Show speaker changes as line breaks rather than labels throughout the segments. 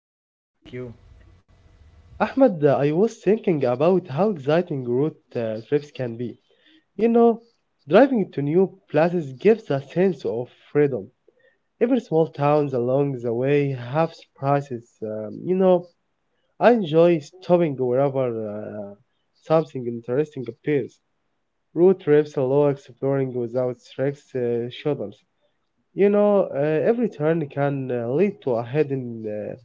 I am fine, thank you.
Ahmed, I was thinking about how exciting road trips can be. You know, driving to new places gives a sense of freedom. Every small towns along the way have surprises. I enjoy stopping wherever something interesting appears. Road trips allow exploring without strict schedules. Every turn can lead to a hidden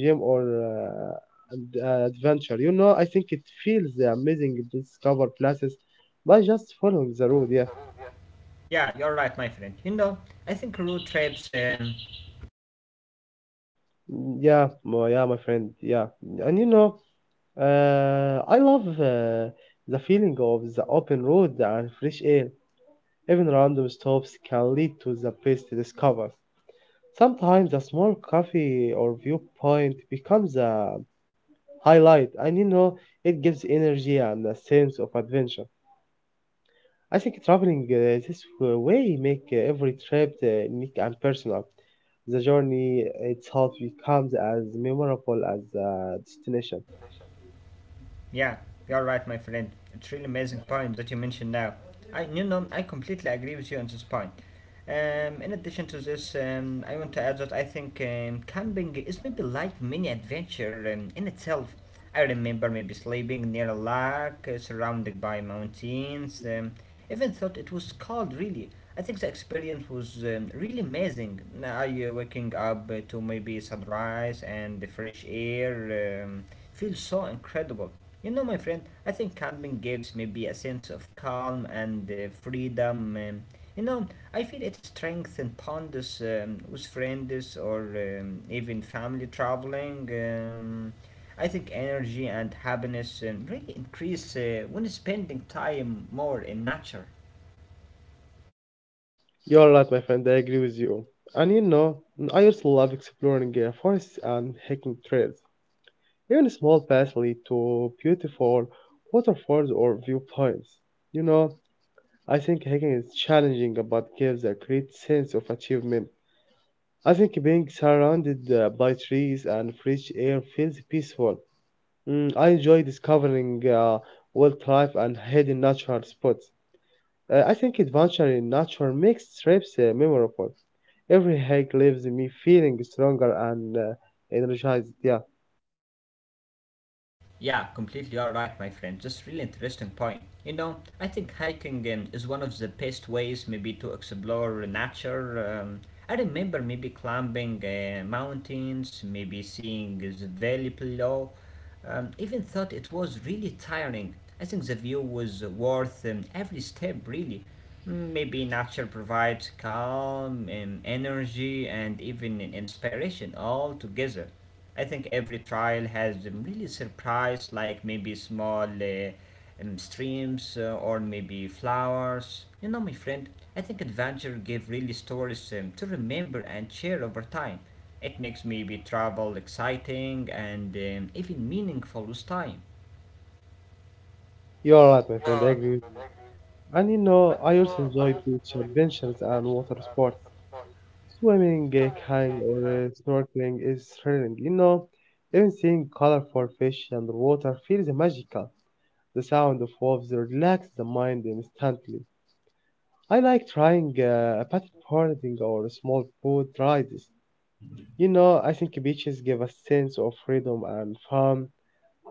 gem or uh, adventure. You know, I think it feels amazing to discover places by just following the road. Yeah.
Yeah, you're right, my friend. You know, I think road trips
Yeah, yeah, my friend. Yeah, and you know, I love the feeling of the open road and fresh air. Even random stops can lead to the best discoveries. Sometimes a small cafe or viewpoint becomes a highlight, and you know, it gives energy and a sense of adventure. I think traveling this way make every trip unique and personal. The journey itself becomes as memorable as the destination.
yeah, you're right, my friend. It's really amazing point that you mentioned now. I completely agree with you on this point. In addition to this, I want to add that I think camping is maybe like mini adventure in itself. I remember maybe sleeping near a lake, surrounded by mountains. Even thought it was cold, really. I think the experience was really amazing. I Waking up to maybe sunrise and the fresh air. Feels so incredible. You know, my friend, I think camping gives me be a sense of calm and freedom. You know, I feel it strengthens bonds with friends or even family traveling. I think energy and happiness really increase when spending time more in nature.
You're right, my friend. I agree with you. And you know, I also love exploring forests and hiking trails. Even small paths lead to beautiful waterfalls or viewpoints. You know, I think hiking is challenging but gives a great sense of achievement. I think being surrounded by trees and fresh air feels peaceful. I enjoy discovering wildlife and hidden natural spots. I think adventure in nature makes trips memorable. Every hike leaves me feeling stronger and energized. Yeah,
Yeah, completely all right, my friend. Just really interesting point. You know, I think hiking is one of the best ways maybe to explore nature. I remember maybe climbing mountains, maybe seeing the valley below. Even thought it was really tiring. I think the view was worth every step, really. Mm, maybe nature provides calm, energy, and even inspiration all together. I think every trial has really surprised, like maybe small streams or maybe flowers. You know, my friend, I think adventure give really stories to remember and share over time. It makes maybe travel exciting and even meaningful with time.
you're right, my friend. I agree with you. And you know, I also enjoy beach adventures and water sports. Swimming, kayaking, or snorkeling is thrilling. You know, even seeing colorful fish underwater feels magical. The sound of waves relaxes the mind instantly. I like trying paddleboarding or small boat rides. You know, I think beaches give a sense of freedom and fun,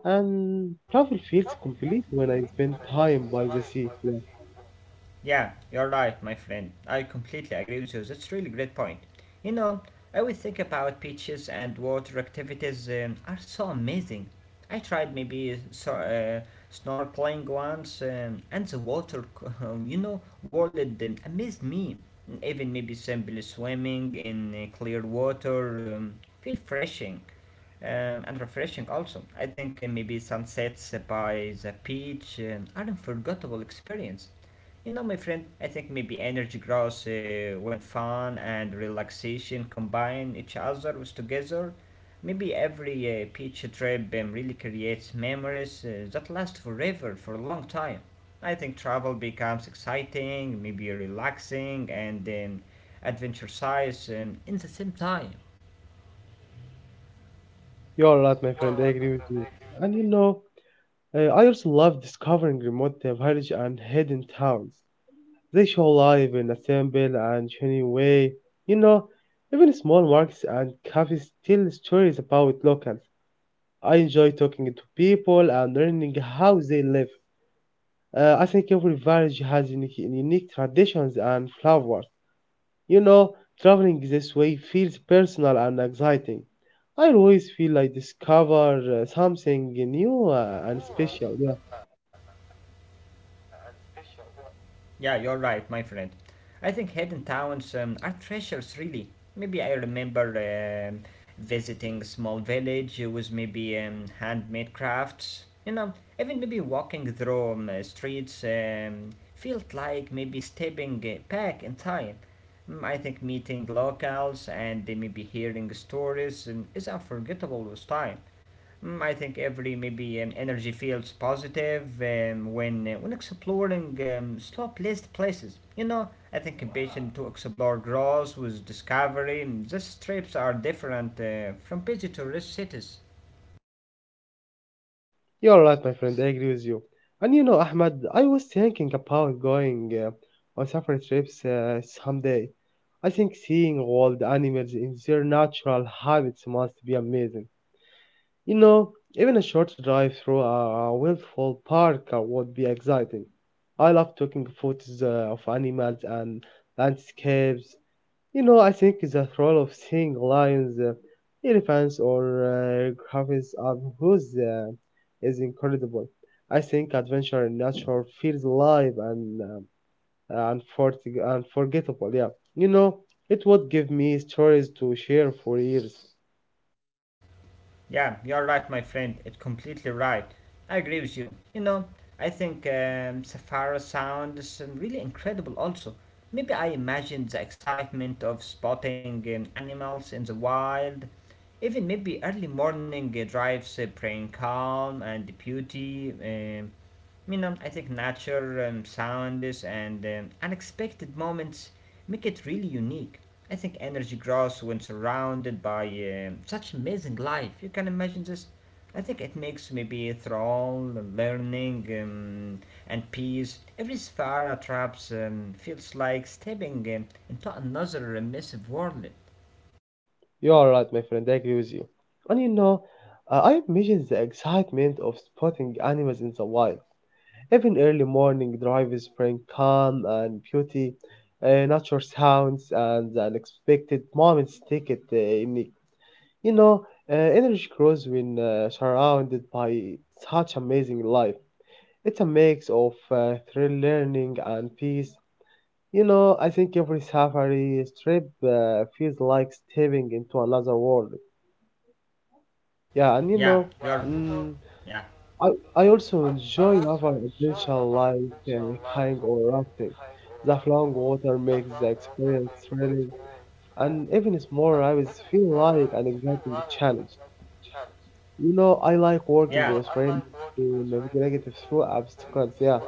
and travel feels complete when I spend time by the sea. Yeah,
Yeah, you're right, my friend. I completely agree with you. That's really great point. You know, I would think about beaches and water activities are so amazing. I tried maybe so, snorkeling once, and the water, you know, world amazed me. Even maybe simply swimming in clear water feel refreshing and refreshing also. I think maybe sunsets by the beach are an unforgettable experience. You know, my friend, I think maybe energy grows when fun and relaxation combine each other with together. Maybe every beach trip really creates memories that last forever for a long time. I think travel becomes exciting, maybe relaxing, and adventure size in the same time.
you're right, my friend. I agree with you. And you know, I also love discovering remote villages and hidden towns. They show life in a simple and genuine way. You know, even small markets and cafes tell stories about locals. I enjoy talking to people and learning how they live. I think every village has unique traditions and flavors. You know, traveling this way feels personal and exciting. I always feel I discover something new and special. Yeah.
Yeah, you're right, my friend. I think hidden towns are treasures, really. Maybe I remember visiting a small village with maybe handmade crafts. You know, even maybe walking through streets felt like maybe stepping back in time. Mm, I think meeting locals and they maybe hearing stories is unforgettable with time. Mm, I think every maybe energy feels positive when exploring slow placed places. You know, I think ambition to explore grows with discovery. These trips are different from busy tourist cities.
You're right, my friend. I agree with you. And you know, Ahmed, I was thinking about going on safari trips someday. I think seeing wild animals in their natural habitats must be amazing. You know, even a short drive through a wildfowl park would be exciting. I love taking photos of animals and landscapes. You know, I think the role of seeing lions, elephants, or griffins up who's is incredible. I think adventure in nature feels alive and unforgettable. Yeah, you know, it would give me stories to share for years.
Yeah, you're right, my friend. It's completely right. I agree with you. You know, I think Safari sounds really incredible also. Maybe I imagined the excitement of spotting animals in the wild. Even maybe early morning drives bring calm and beauty. You know, I think nature, sounds, and unexpected moments make it really unique. I think energy grows when surrounded by such amazing life. You can imagine this. I think it makes maybe thrall, learning, and peace. Every sphere traps feels like stepping into another immersive world.
You are right, my friend. I agree with you. And you know, I imagine the excitement of spotting animals in the wild. Even early morning drives bring calm and beauty. Nature sounds and the unexpected moments take it in. You know, energy grows when surrounded by such amazing life. It's a mix of thrill, learning, and peace. You know, I think every safari trip feels like stepping into another world. Yeah, and you
Yeah,
know,
yeah,
mm,
yeah,
I, I also enjoy naval adventure like kayaking or rafting. The flowing water makes the experience thrilling, and even it's more, I always feel like an exciting challenge. You know, I like working
yeah.
with friends to navigate through obstacles. Yeah,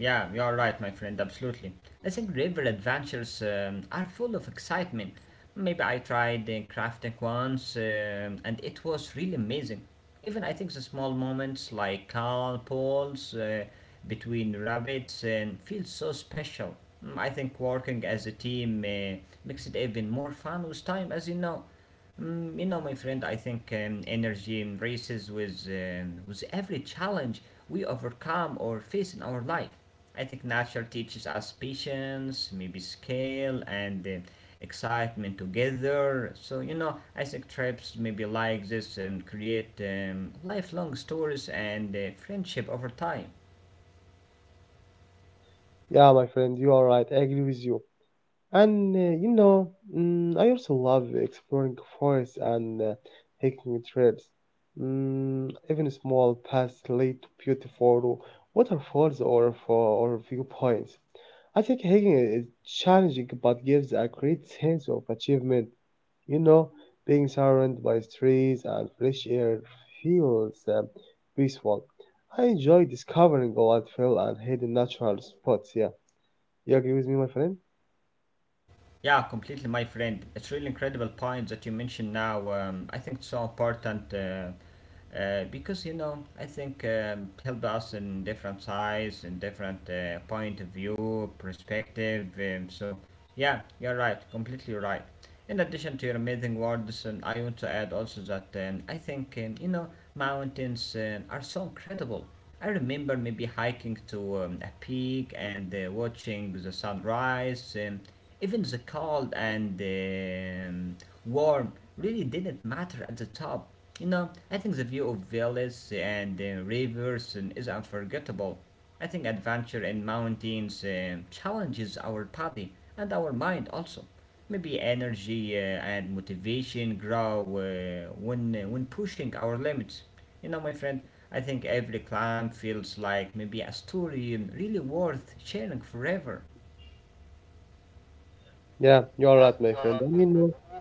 Yeah, you're right, my friend, absolutely. I think river adventures are full of excitement. Maybe I tried crafting once and it was really amazing. Even I think the small moments like calm pools between rabbits and feel so special. Mm, I think working as a team makes it even more fun with time, as you know. Mm, you know, my friend, I think energy races with every challenge we overcome or face in our life. I think nature teaches us patience, maybe skill, and excitement together. So, you know, I think trips maybe like this create lifelong stories and friendship over time.
yeah, my friend, you are right. I agree with you. And you know, I also love exploring forests and hiking trails. Even small paths lead to beautiful waterfalls or viewpoints. I think hiking is challenging but gives a great sense of achievement. You know, being surrounded by trees and fresh air feels peaceful. I enjoy discovering a lot of hill and hidden natural spots. Yeah, you agree with me, my friend?
Yeah, completely, my friend. It's really incredible point that you mentioned now. I think it's so important because you know I think help us in different size and different point of view, perspective. So yeah, you're right, completely right. In addition to your amazing words, and I want to add also that I think you know mountains are so incredible. I remember maybe hiking to a peak and watching the sunrise. Even the cold and warm really didn't matter at the top. You know, I think the view of valleys and rivers is unforgettable. I think adventure in mountains challenges our body and our mind also. Maybe energy and motivation grow when pushing our limits. You know, my friend, I think every climb feels like maybe a story and really worth sharing forever.
Yeah, you're right, my friend. I mean, uh,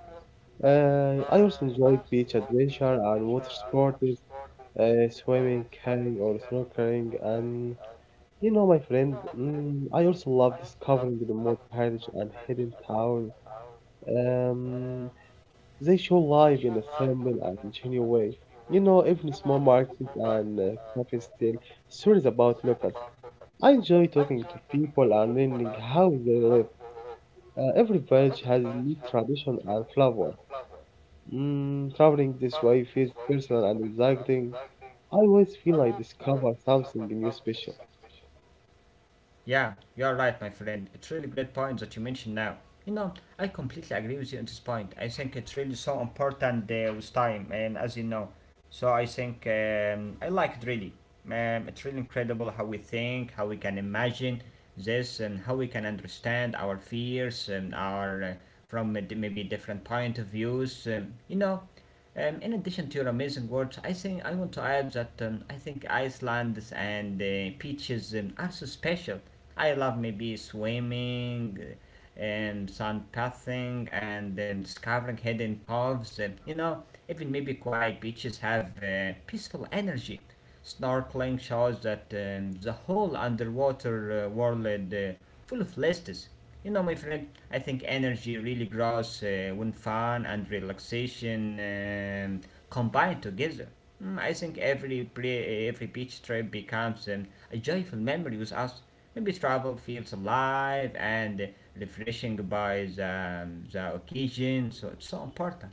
uh, I also enjoy beach adventure and water sports, swimming, kayaking, or snorkeling. And you know, my friend, I also love discovering remote villages and hidden towns. Um, they show life in a simple and genuine way. You know, even small markets and cafes tell stories about locals. I enjoy talking to people and learning how they live. Every village has unique tradition and flavor. Traveling this way feels personal and exciting. I always feel I discover something new special.
Yeah, you're right, my friend. It's really great point that you mentioned now. You know, I completely agree with you on this point. I think it's really so important with time, and as you know, so I think I like it really. It's really incredible how we think, how we can imagine this, and how we can understand our fears and our from maybe different point of views. In addition to your amazing words, I think I want to add that I think Iceland and beaches are so special. I love maybe swimming, and sun bathing, and discovering hidden coves. You know, even maybe quiet beaches have peaceful energy snorkeling shows that the whole underwater world full of lists. You know, my friend, I think energy really grows when fun and relaxation combine together. Mm, I think every beach trip becomes a joyful memory with us. Maybe travel feels alive and refreshing by the occasion, so it's so important.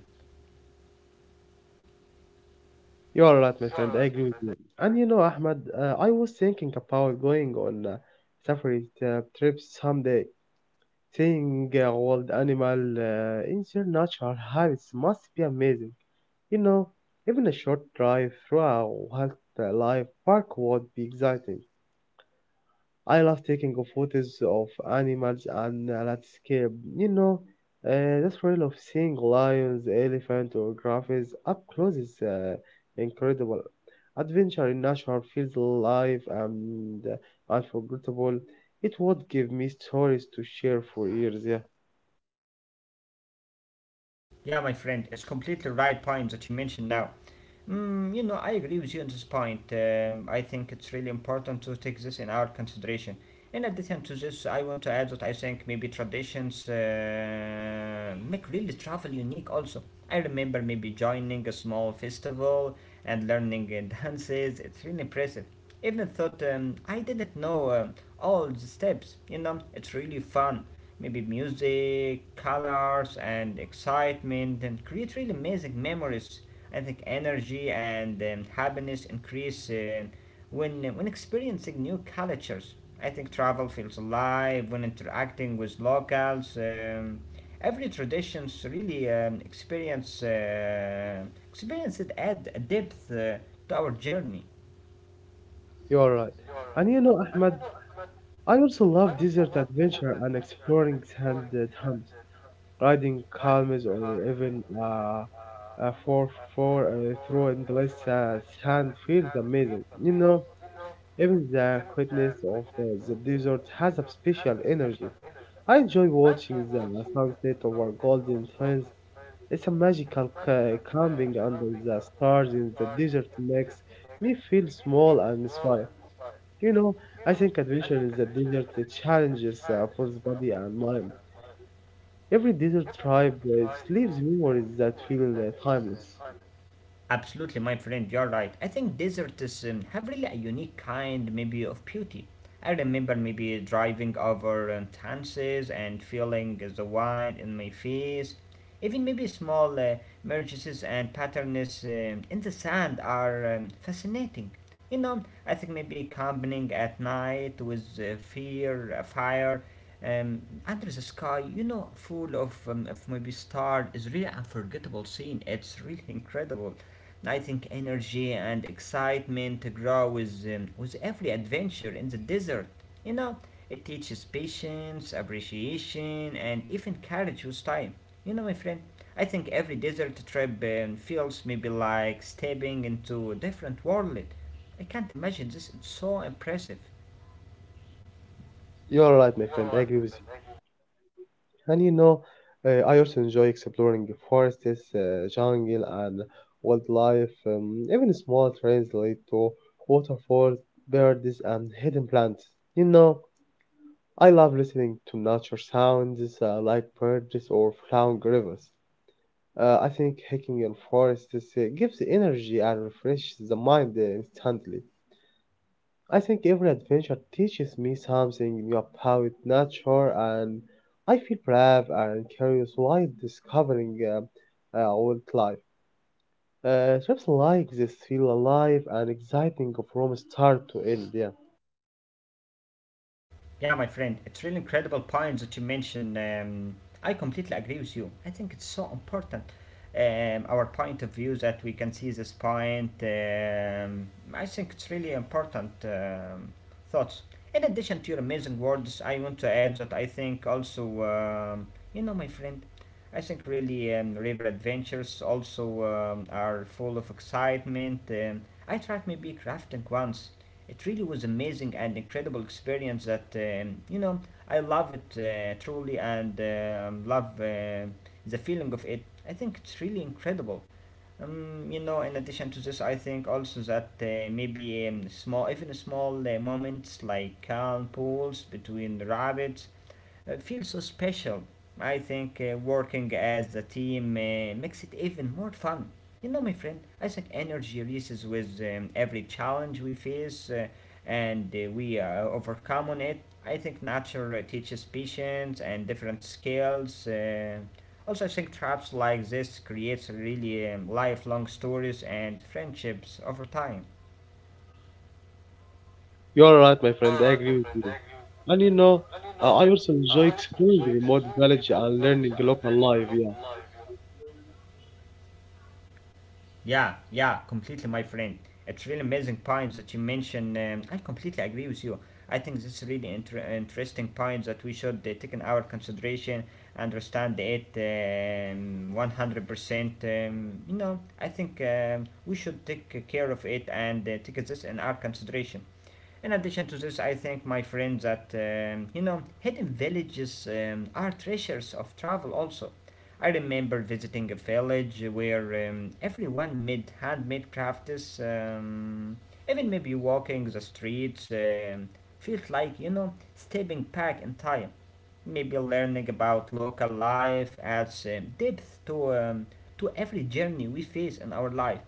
You are right, my friend. I agree with you. And you know, Ahmed, I was thinking about going on safari trips someday. Seeing wild animal in their natural habits must be amazing. You know, even a short drive through a wildlife park would be exciting. I love taking of photos of animals and landscape. You know, the thrill of seeing lions, elephant, or giraffes up close is incredible. Adventure in nature feels alive and unforgettable. It would give me stories to share for years. Yeah,
Yeah, my friend, it's completely right point that you mentioned now. Mm, you know, I agree with you on this point. I think it's really important to take this in our consideration. In addition to this, I want to add that I think maybe traditions make really travel unique also. I remember maybe joining a small festival and learning dances. It's really impressive. Even thought I didn't know all the steps. You know, it's really fun. Maybe music, colors, and excitement, and create really amazing memories. I think energy and happiness increase when experiencing new cultures. I think travel feels alive when interacting with locals. Every traditions really experience experience it add a depth to our journey.
you're right. And you know, Ahmed, I also love desert adventure and exploring sand dunes. Riding calms or even uh, for for through endless sand feels amazing. You know, even the quietness of the desert has a special energy. I enjoy watching the sunset over golden sands. It's a magical camping under the stars in the desert makes me feel small and inspired. You know, I think adventure in the desert challenges both body and mind. Every desert tribe leaves memories that feel timeless.
Absolutely, my friend, you're right. I think deserts have really a unique kind, maybe, of beauty. I remember maybe driving over Tanses and feeling the wind in my face. Even maybe small merges and patterns in the sand are fascinating. You know, I think maybe combining at night with fear, fire, um, under the sky, you know, full of maybe stars is really unforgettable scene. It's really incredible. And I think energy and excitement grow with every adventure in the desert. You know, it teaches patience, appreciation, and even courage with time. You know, my friend, I think every desert trip feels maybe like stepping into a different world. I can't imagine this, it's so impressive.
You are right, my friend. I agree with you. And you know, I also enjoy exploring the forests, jungle, and wildlife. Even small trails lead to waterfalls, birds, and hidden plants. You know, I love listening to nature sounds like birds or flowing rivers. I think hiking in forests gives energy and refreshes the mind instantly. I think every adventure teaches me something about nature, and I feel brave and curious while discovering wildlife. Trips like this feel alive and exciting from start to end. Yeah,
Yeah, my friend, it's really incredible points that you mentioned. I completely agree with you. I think it's so important. Our point of view that we can see this point. I think it's really important thoughts. In addition to your amazing words, I want to add that I think also, you know, my friend, I think really river adventures also are full of excitement. I tried maybe crafting once it really was amazing and incredible experience that you know I love it truly and love the feeling of it. I think it's really incredible. You know, in addition to this, I think also that maybe small, even small moments like calm pools between the rabbits feel so special. I think working as a team makes it even more fun. You know, my friend, I think energy releases with every challenge we face and we overcome on it. I think nature teaches patience and different skills. Also, I think traps like this creates really lifelong stories and friendships over time.
you're right, my friend. I agree with you. And you know, I also enjoy exploring remote village and learning local life. Yeah,
Yeah, yeah, completely, my friend. It's really amazing point that you mentioned. I completely agree with you. I think this is really interesting point that we should take in our consideration, understand it 100%. You know, I think we should take care of it and take this in our consideration. In addition to this, I think, my friend, that hidden villages are treasures of travel. Also, I remember visiting a village where everyone made handmade crafts. Even maybe walking the streets felt like stepping back in time. Maybe learning about local life adds depth to every journey we face in our life.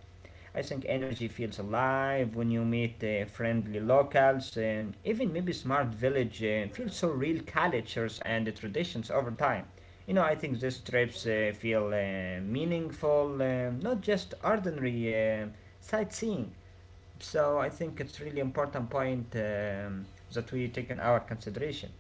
I think energy feels alive when you meet friendly locals. Even maybe smart village feels so real cultures and the traditions over time. You know, I think these trips feel meaningful, not just ordinary uh, sightseeing. So I think it's really important point that we take in our consideration.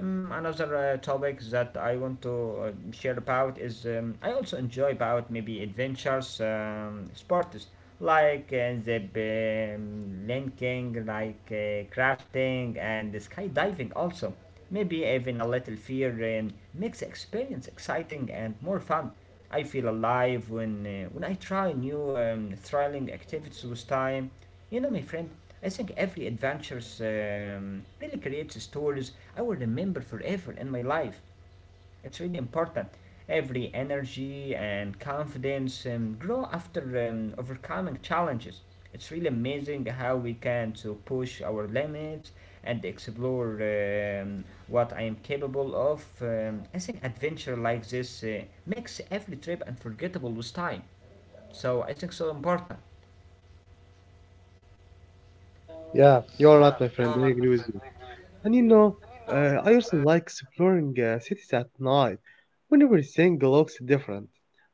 Another topic that I want to share about is I also enjoy about maybe adventures, sports like the linking, like crafting and skydiving also. Maybe even a little fear makes the experience exciting and more fun. I feel alive when I try new thrilling activities with time. You know, my friend. I think every adventures really creates stories I will remember forever in my life. It's really important. Every energy and confidence grow after overcoming challenges. It's really amazing how we can to push our limits and explore what I am capable of. I think adventure like this makes every trip unforgettable with time. So I think so important.
yeah, you're right, my friend. I agree with you. And you know, I also like exploring cities at night when everything looks different.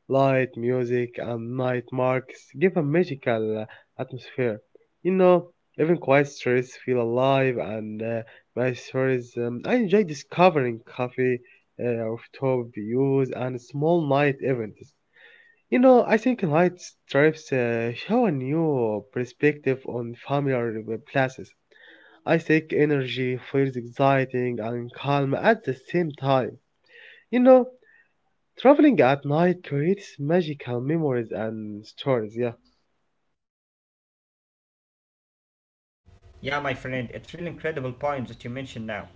Light, music, and night marks give a magical atmosphere. You know, even quiet streets feel alive and my stories. I enjoy discovering cafe, rooftop views, and small night events. You know, I think night trips show a new perspective on familiar places. I think energy feels exciting and calm at the same time. You know, traveling at night creates magical memories and stories. Yeah,
Yeah, my friend, it's really incredible points that you mentioned now.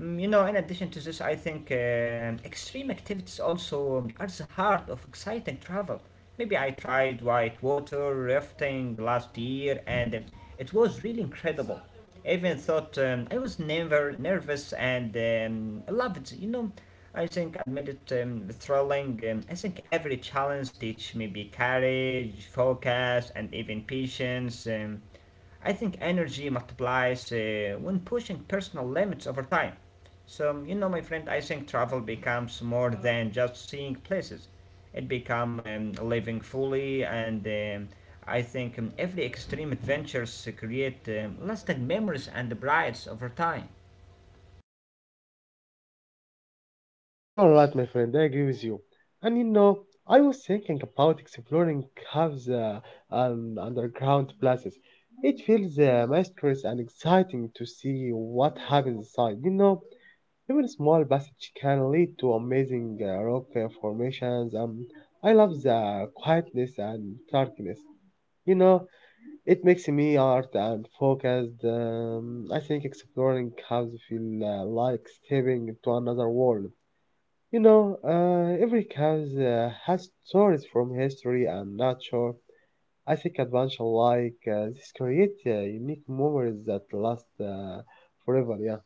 Mm, you know, in addition to this, I think extreme activities also are the heart of exciting travel. Maybe I tried white water rafting last year, and it was really incredible. I even thought I was never nervous, and I loved it. You know, I think admit it thrilling. I think every challenge teach maybe courage, focus, and even patience. I think energy multiplies when pushing personal limits over time. So, you know, my friend, I think travel becomes more than just seeing places. It becomes living fully, and I think every extreme adventures create lasting memories and brides over time.
you're right, my friend. I agree with you. And you know, I was thinking about exploring caves and underground places. It feels mysterious and exciting to see what happens inside. You know, even small passages can lead to amazing rock formations. I love the quietness and darkness. You know, it makes me art and focused. I think exploring caves feel like stepping into another world. You know, every cave has stories from history and nature. I think adventure like this create unique memories that last forever. Yeah,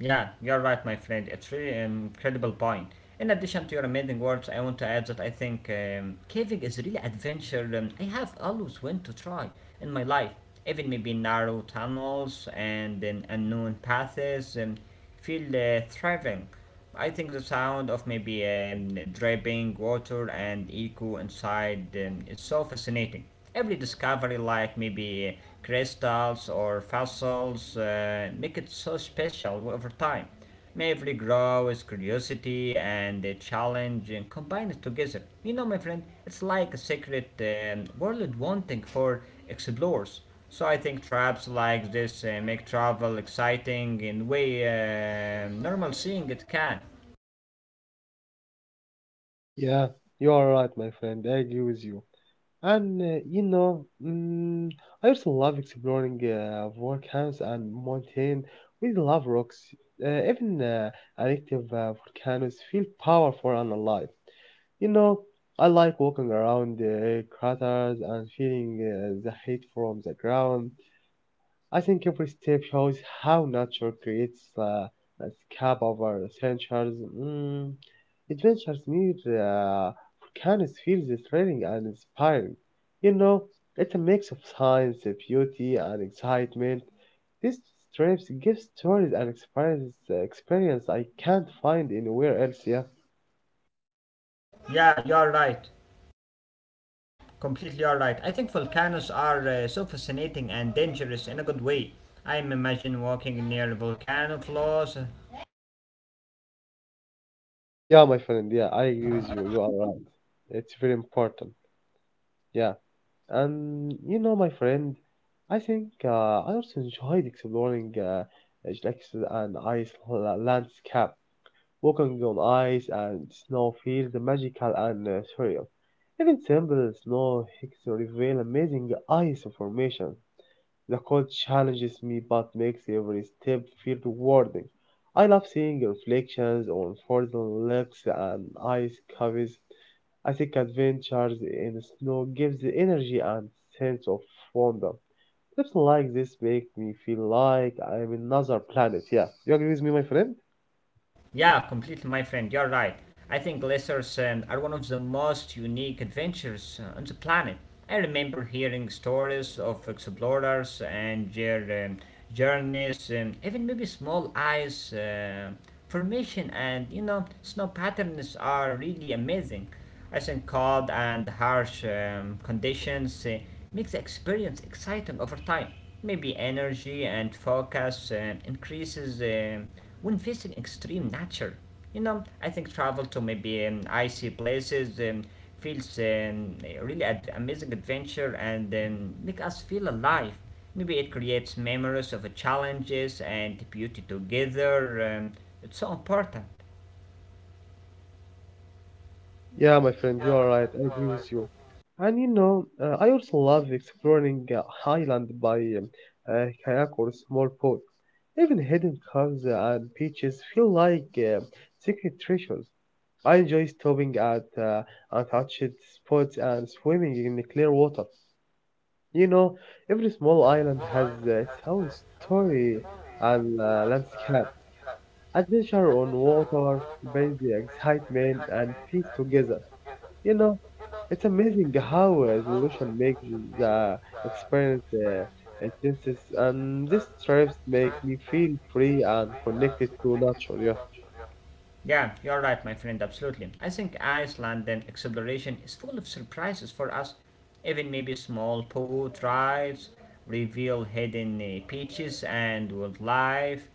Yeah, you're right, my friend. It's really an incredible point. In addition to your amazing words, I want to add that I think caving is really adventure. I have always wanted to try in my life, even maybe narrow tunnels and unknown paths and feel thriving. I think the sound of maybe dripping water and echo inside is so fascinating. Every discovery, like maybe crystals or fossils, make it so special over time. May every grow is curiosity and the challenge and combine it together. You know, my friend, it's like a secret world wanting for explorers. So I think traps like this make travel exciting in way normal seeing it can.
yeah, you are right, my friend. I agree with you. And you know, I also love exploring volcanoes and mountain. We love rocks. Even active volcanoes feel powerful and alive. You know, I like walking around the craters and feeling the heat from the ground. I think every step shows how nature creates landscape over centuries. Adventures near uh, volcanoes feels thrilling and inspiring. You know, it's a mix of science, beauty, and excitement. These trips give stories and experience I can't find anywhere else. Yeah,
Yeah, you're right. Completely you're right. I think volcanoes are so fascinating and dangerous in a good way. I imagine walking near volcano floors.
yeah, my friend. Yeah, I agree with you. You are right. It's very important. Yeah. And you know, my friend, I think I also enjoyed exploring Islak's and landscape. Walking on ice and snow feels magical and surreal. Even simple snow hikes reveal amazing ice formation. The code challenges me but makes every step feel rewarding. I love seeing reflections on frozen lakes and ice caves. I think adventures in snow gives the energy and sense of wonder. Trips like this make me feel like I'm in another planet. Yeah, you agree with me, my friend?
Yeah, completely, my friend. You're right. I think glaciers are one of the most unique adventures on the planet. I remember hearing stories of explorers and their journeys, even maybe small ice formation and snow patterns are really amazing. I think cold and harsh conditions make the experience exciting over time. Maybe energy and focus increases when facing extreme nature. You know, I think travel to maybe icy places feels really amazing adventure and make us feel alive. Maybe it creates memories of challenges and beauty together. It's so important.
Yeah, my friend, you are right. I agree with you. And you know, I also love exploring Highland by kayak or small boat. Even hidden caves and beaches feel like secret treasures. I enjoy stopping at untouched spots and swimming in the clear water. You know, every small island has its own story and landscape. Adventure on water brings the excitement and peace together. You know, it's amazing how resolution makes the experience intense, and these trips make me feel free and connected to nature. Yeah,
Yeah, you're right, my friend, absolutely. I think Iceland and exploration is full of surprises for us. Even maybe small boat rides reveal hidden beaches and wildlife.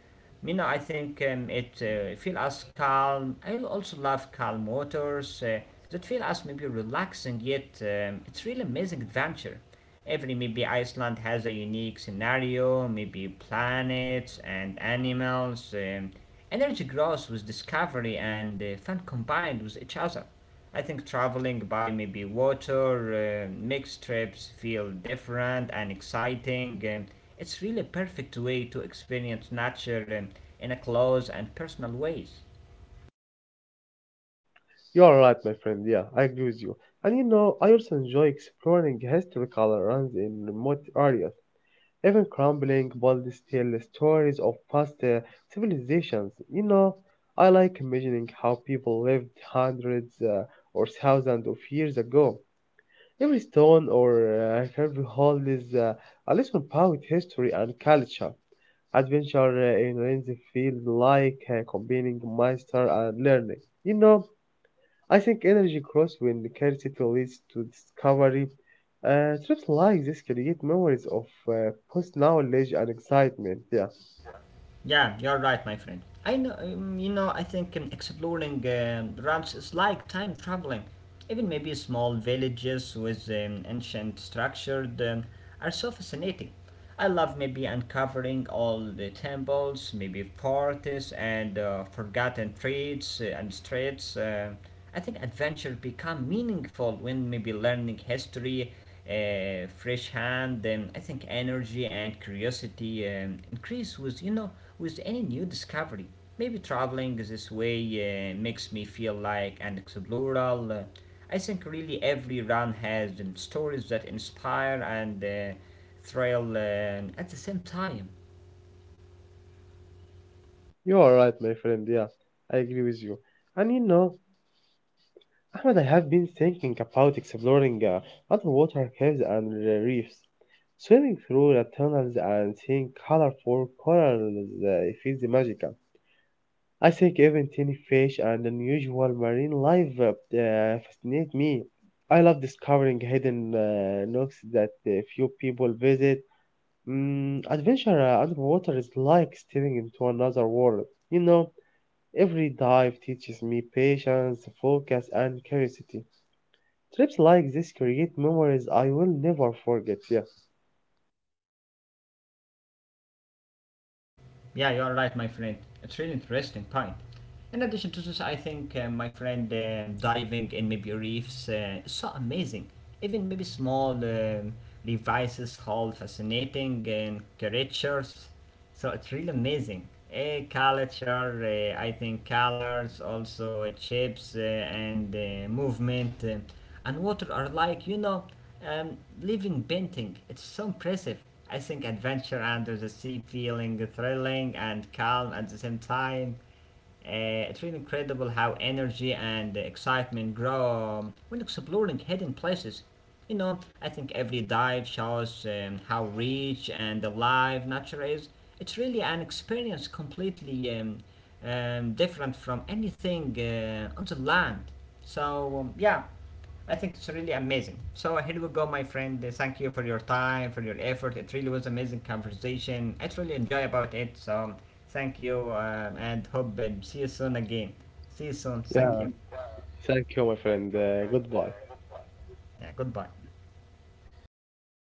You know, I think it feel us calm. I also love calm waters that feel us maybe relaxing, yet it's really amazing adventure. Every maybe Iceland has a unique scenario, maybe planets and animals. Energy grows with discovery and fun combined with each other. I think traveling by maybe water makes trips feel different and exciting. It's really a perfect way to experience nature in a close and personal ways.
you are right, my friend. Yeah, I agree with you. And you know, I also enjoy exploring historical runs in remote areas, even crumbling bold tell stories of past civilizations. You know, I like imagining how people lived hundreds or thousands of years ago. Every stone or curved hole is a little about history and culture. Adventure in Renzi feel like combining master and learning. You know, I think energy grows when curiosity leads to discovery. Trips like this create memories of post knowledge and excitement. Yeah,
Yeah, you're right, my friend. I know, I think exploring runs is like time traveling. Even maybe small villages with ancient structures are so fascinating. I love maybe uncovering all the temples, maybe parties and forgotten streets and streets. I think adventure become meaningful when maybe learning history fresh hand. Then I think energy and curiosity increase with you know with any new discovery. Maybe traveling this way makes me feel like an explorer. uh, I think really every run has stories that inspire and thrill at the same time.
you are right, my friend. Yeah, I agree with you. And you know, Ahmed, I have been thinking about exploring underwater caves and reefs. Swimming through the tunnels and seeing colorful corals feels magical. I think even tiny fish and unusual marine life fascinate me. I love discovering hidden nooks that few people visit. Adventure underwater is like stepping into another world. You know, every dive teaches me patience, focus, and curiosity. Trips like this create memories I will never forget. Yeah.
Yeah, you are right, my friend. It's really interesting point. In addition to this, I think my friend diving in maybe reefs is so amazing. Even maybe small devices hold fascinating and creatures. So it's really amazing. A culture, I think colors, also shapes and movement, and water are like living painting. It's so impressive. I think adventure under the sea feeling thrilling and calm at the same time. It's really incredible how energy and excitement grow when exploring hidden places. You know, I think every dive shows how rich and alive nature is. It's really an experience completely different from anything on the land. So, yeah. I think it's really amazing. So here we go, my friend. Thank you for your time, for your effort. It really was amazing conversation. I really enjoy about it. So thank you, and hope see you soon again. See you soon. Thank
Yeah.
you.
Thank you, my friend. Goodbye.
Yeah, goodbye.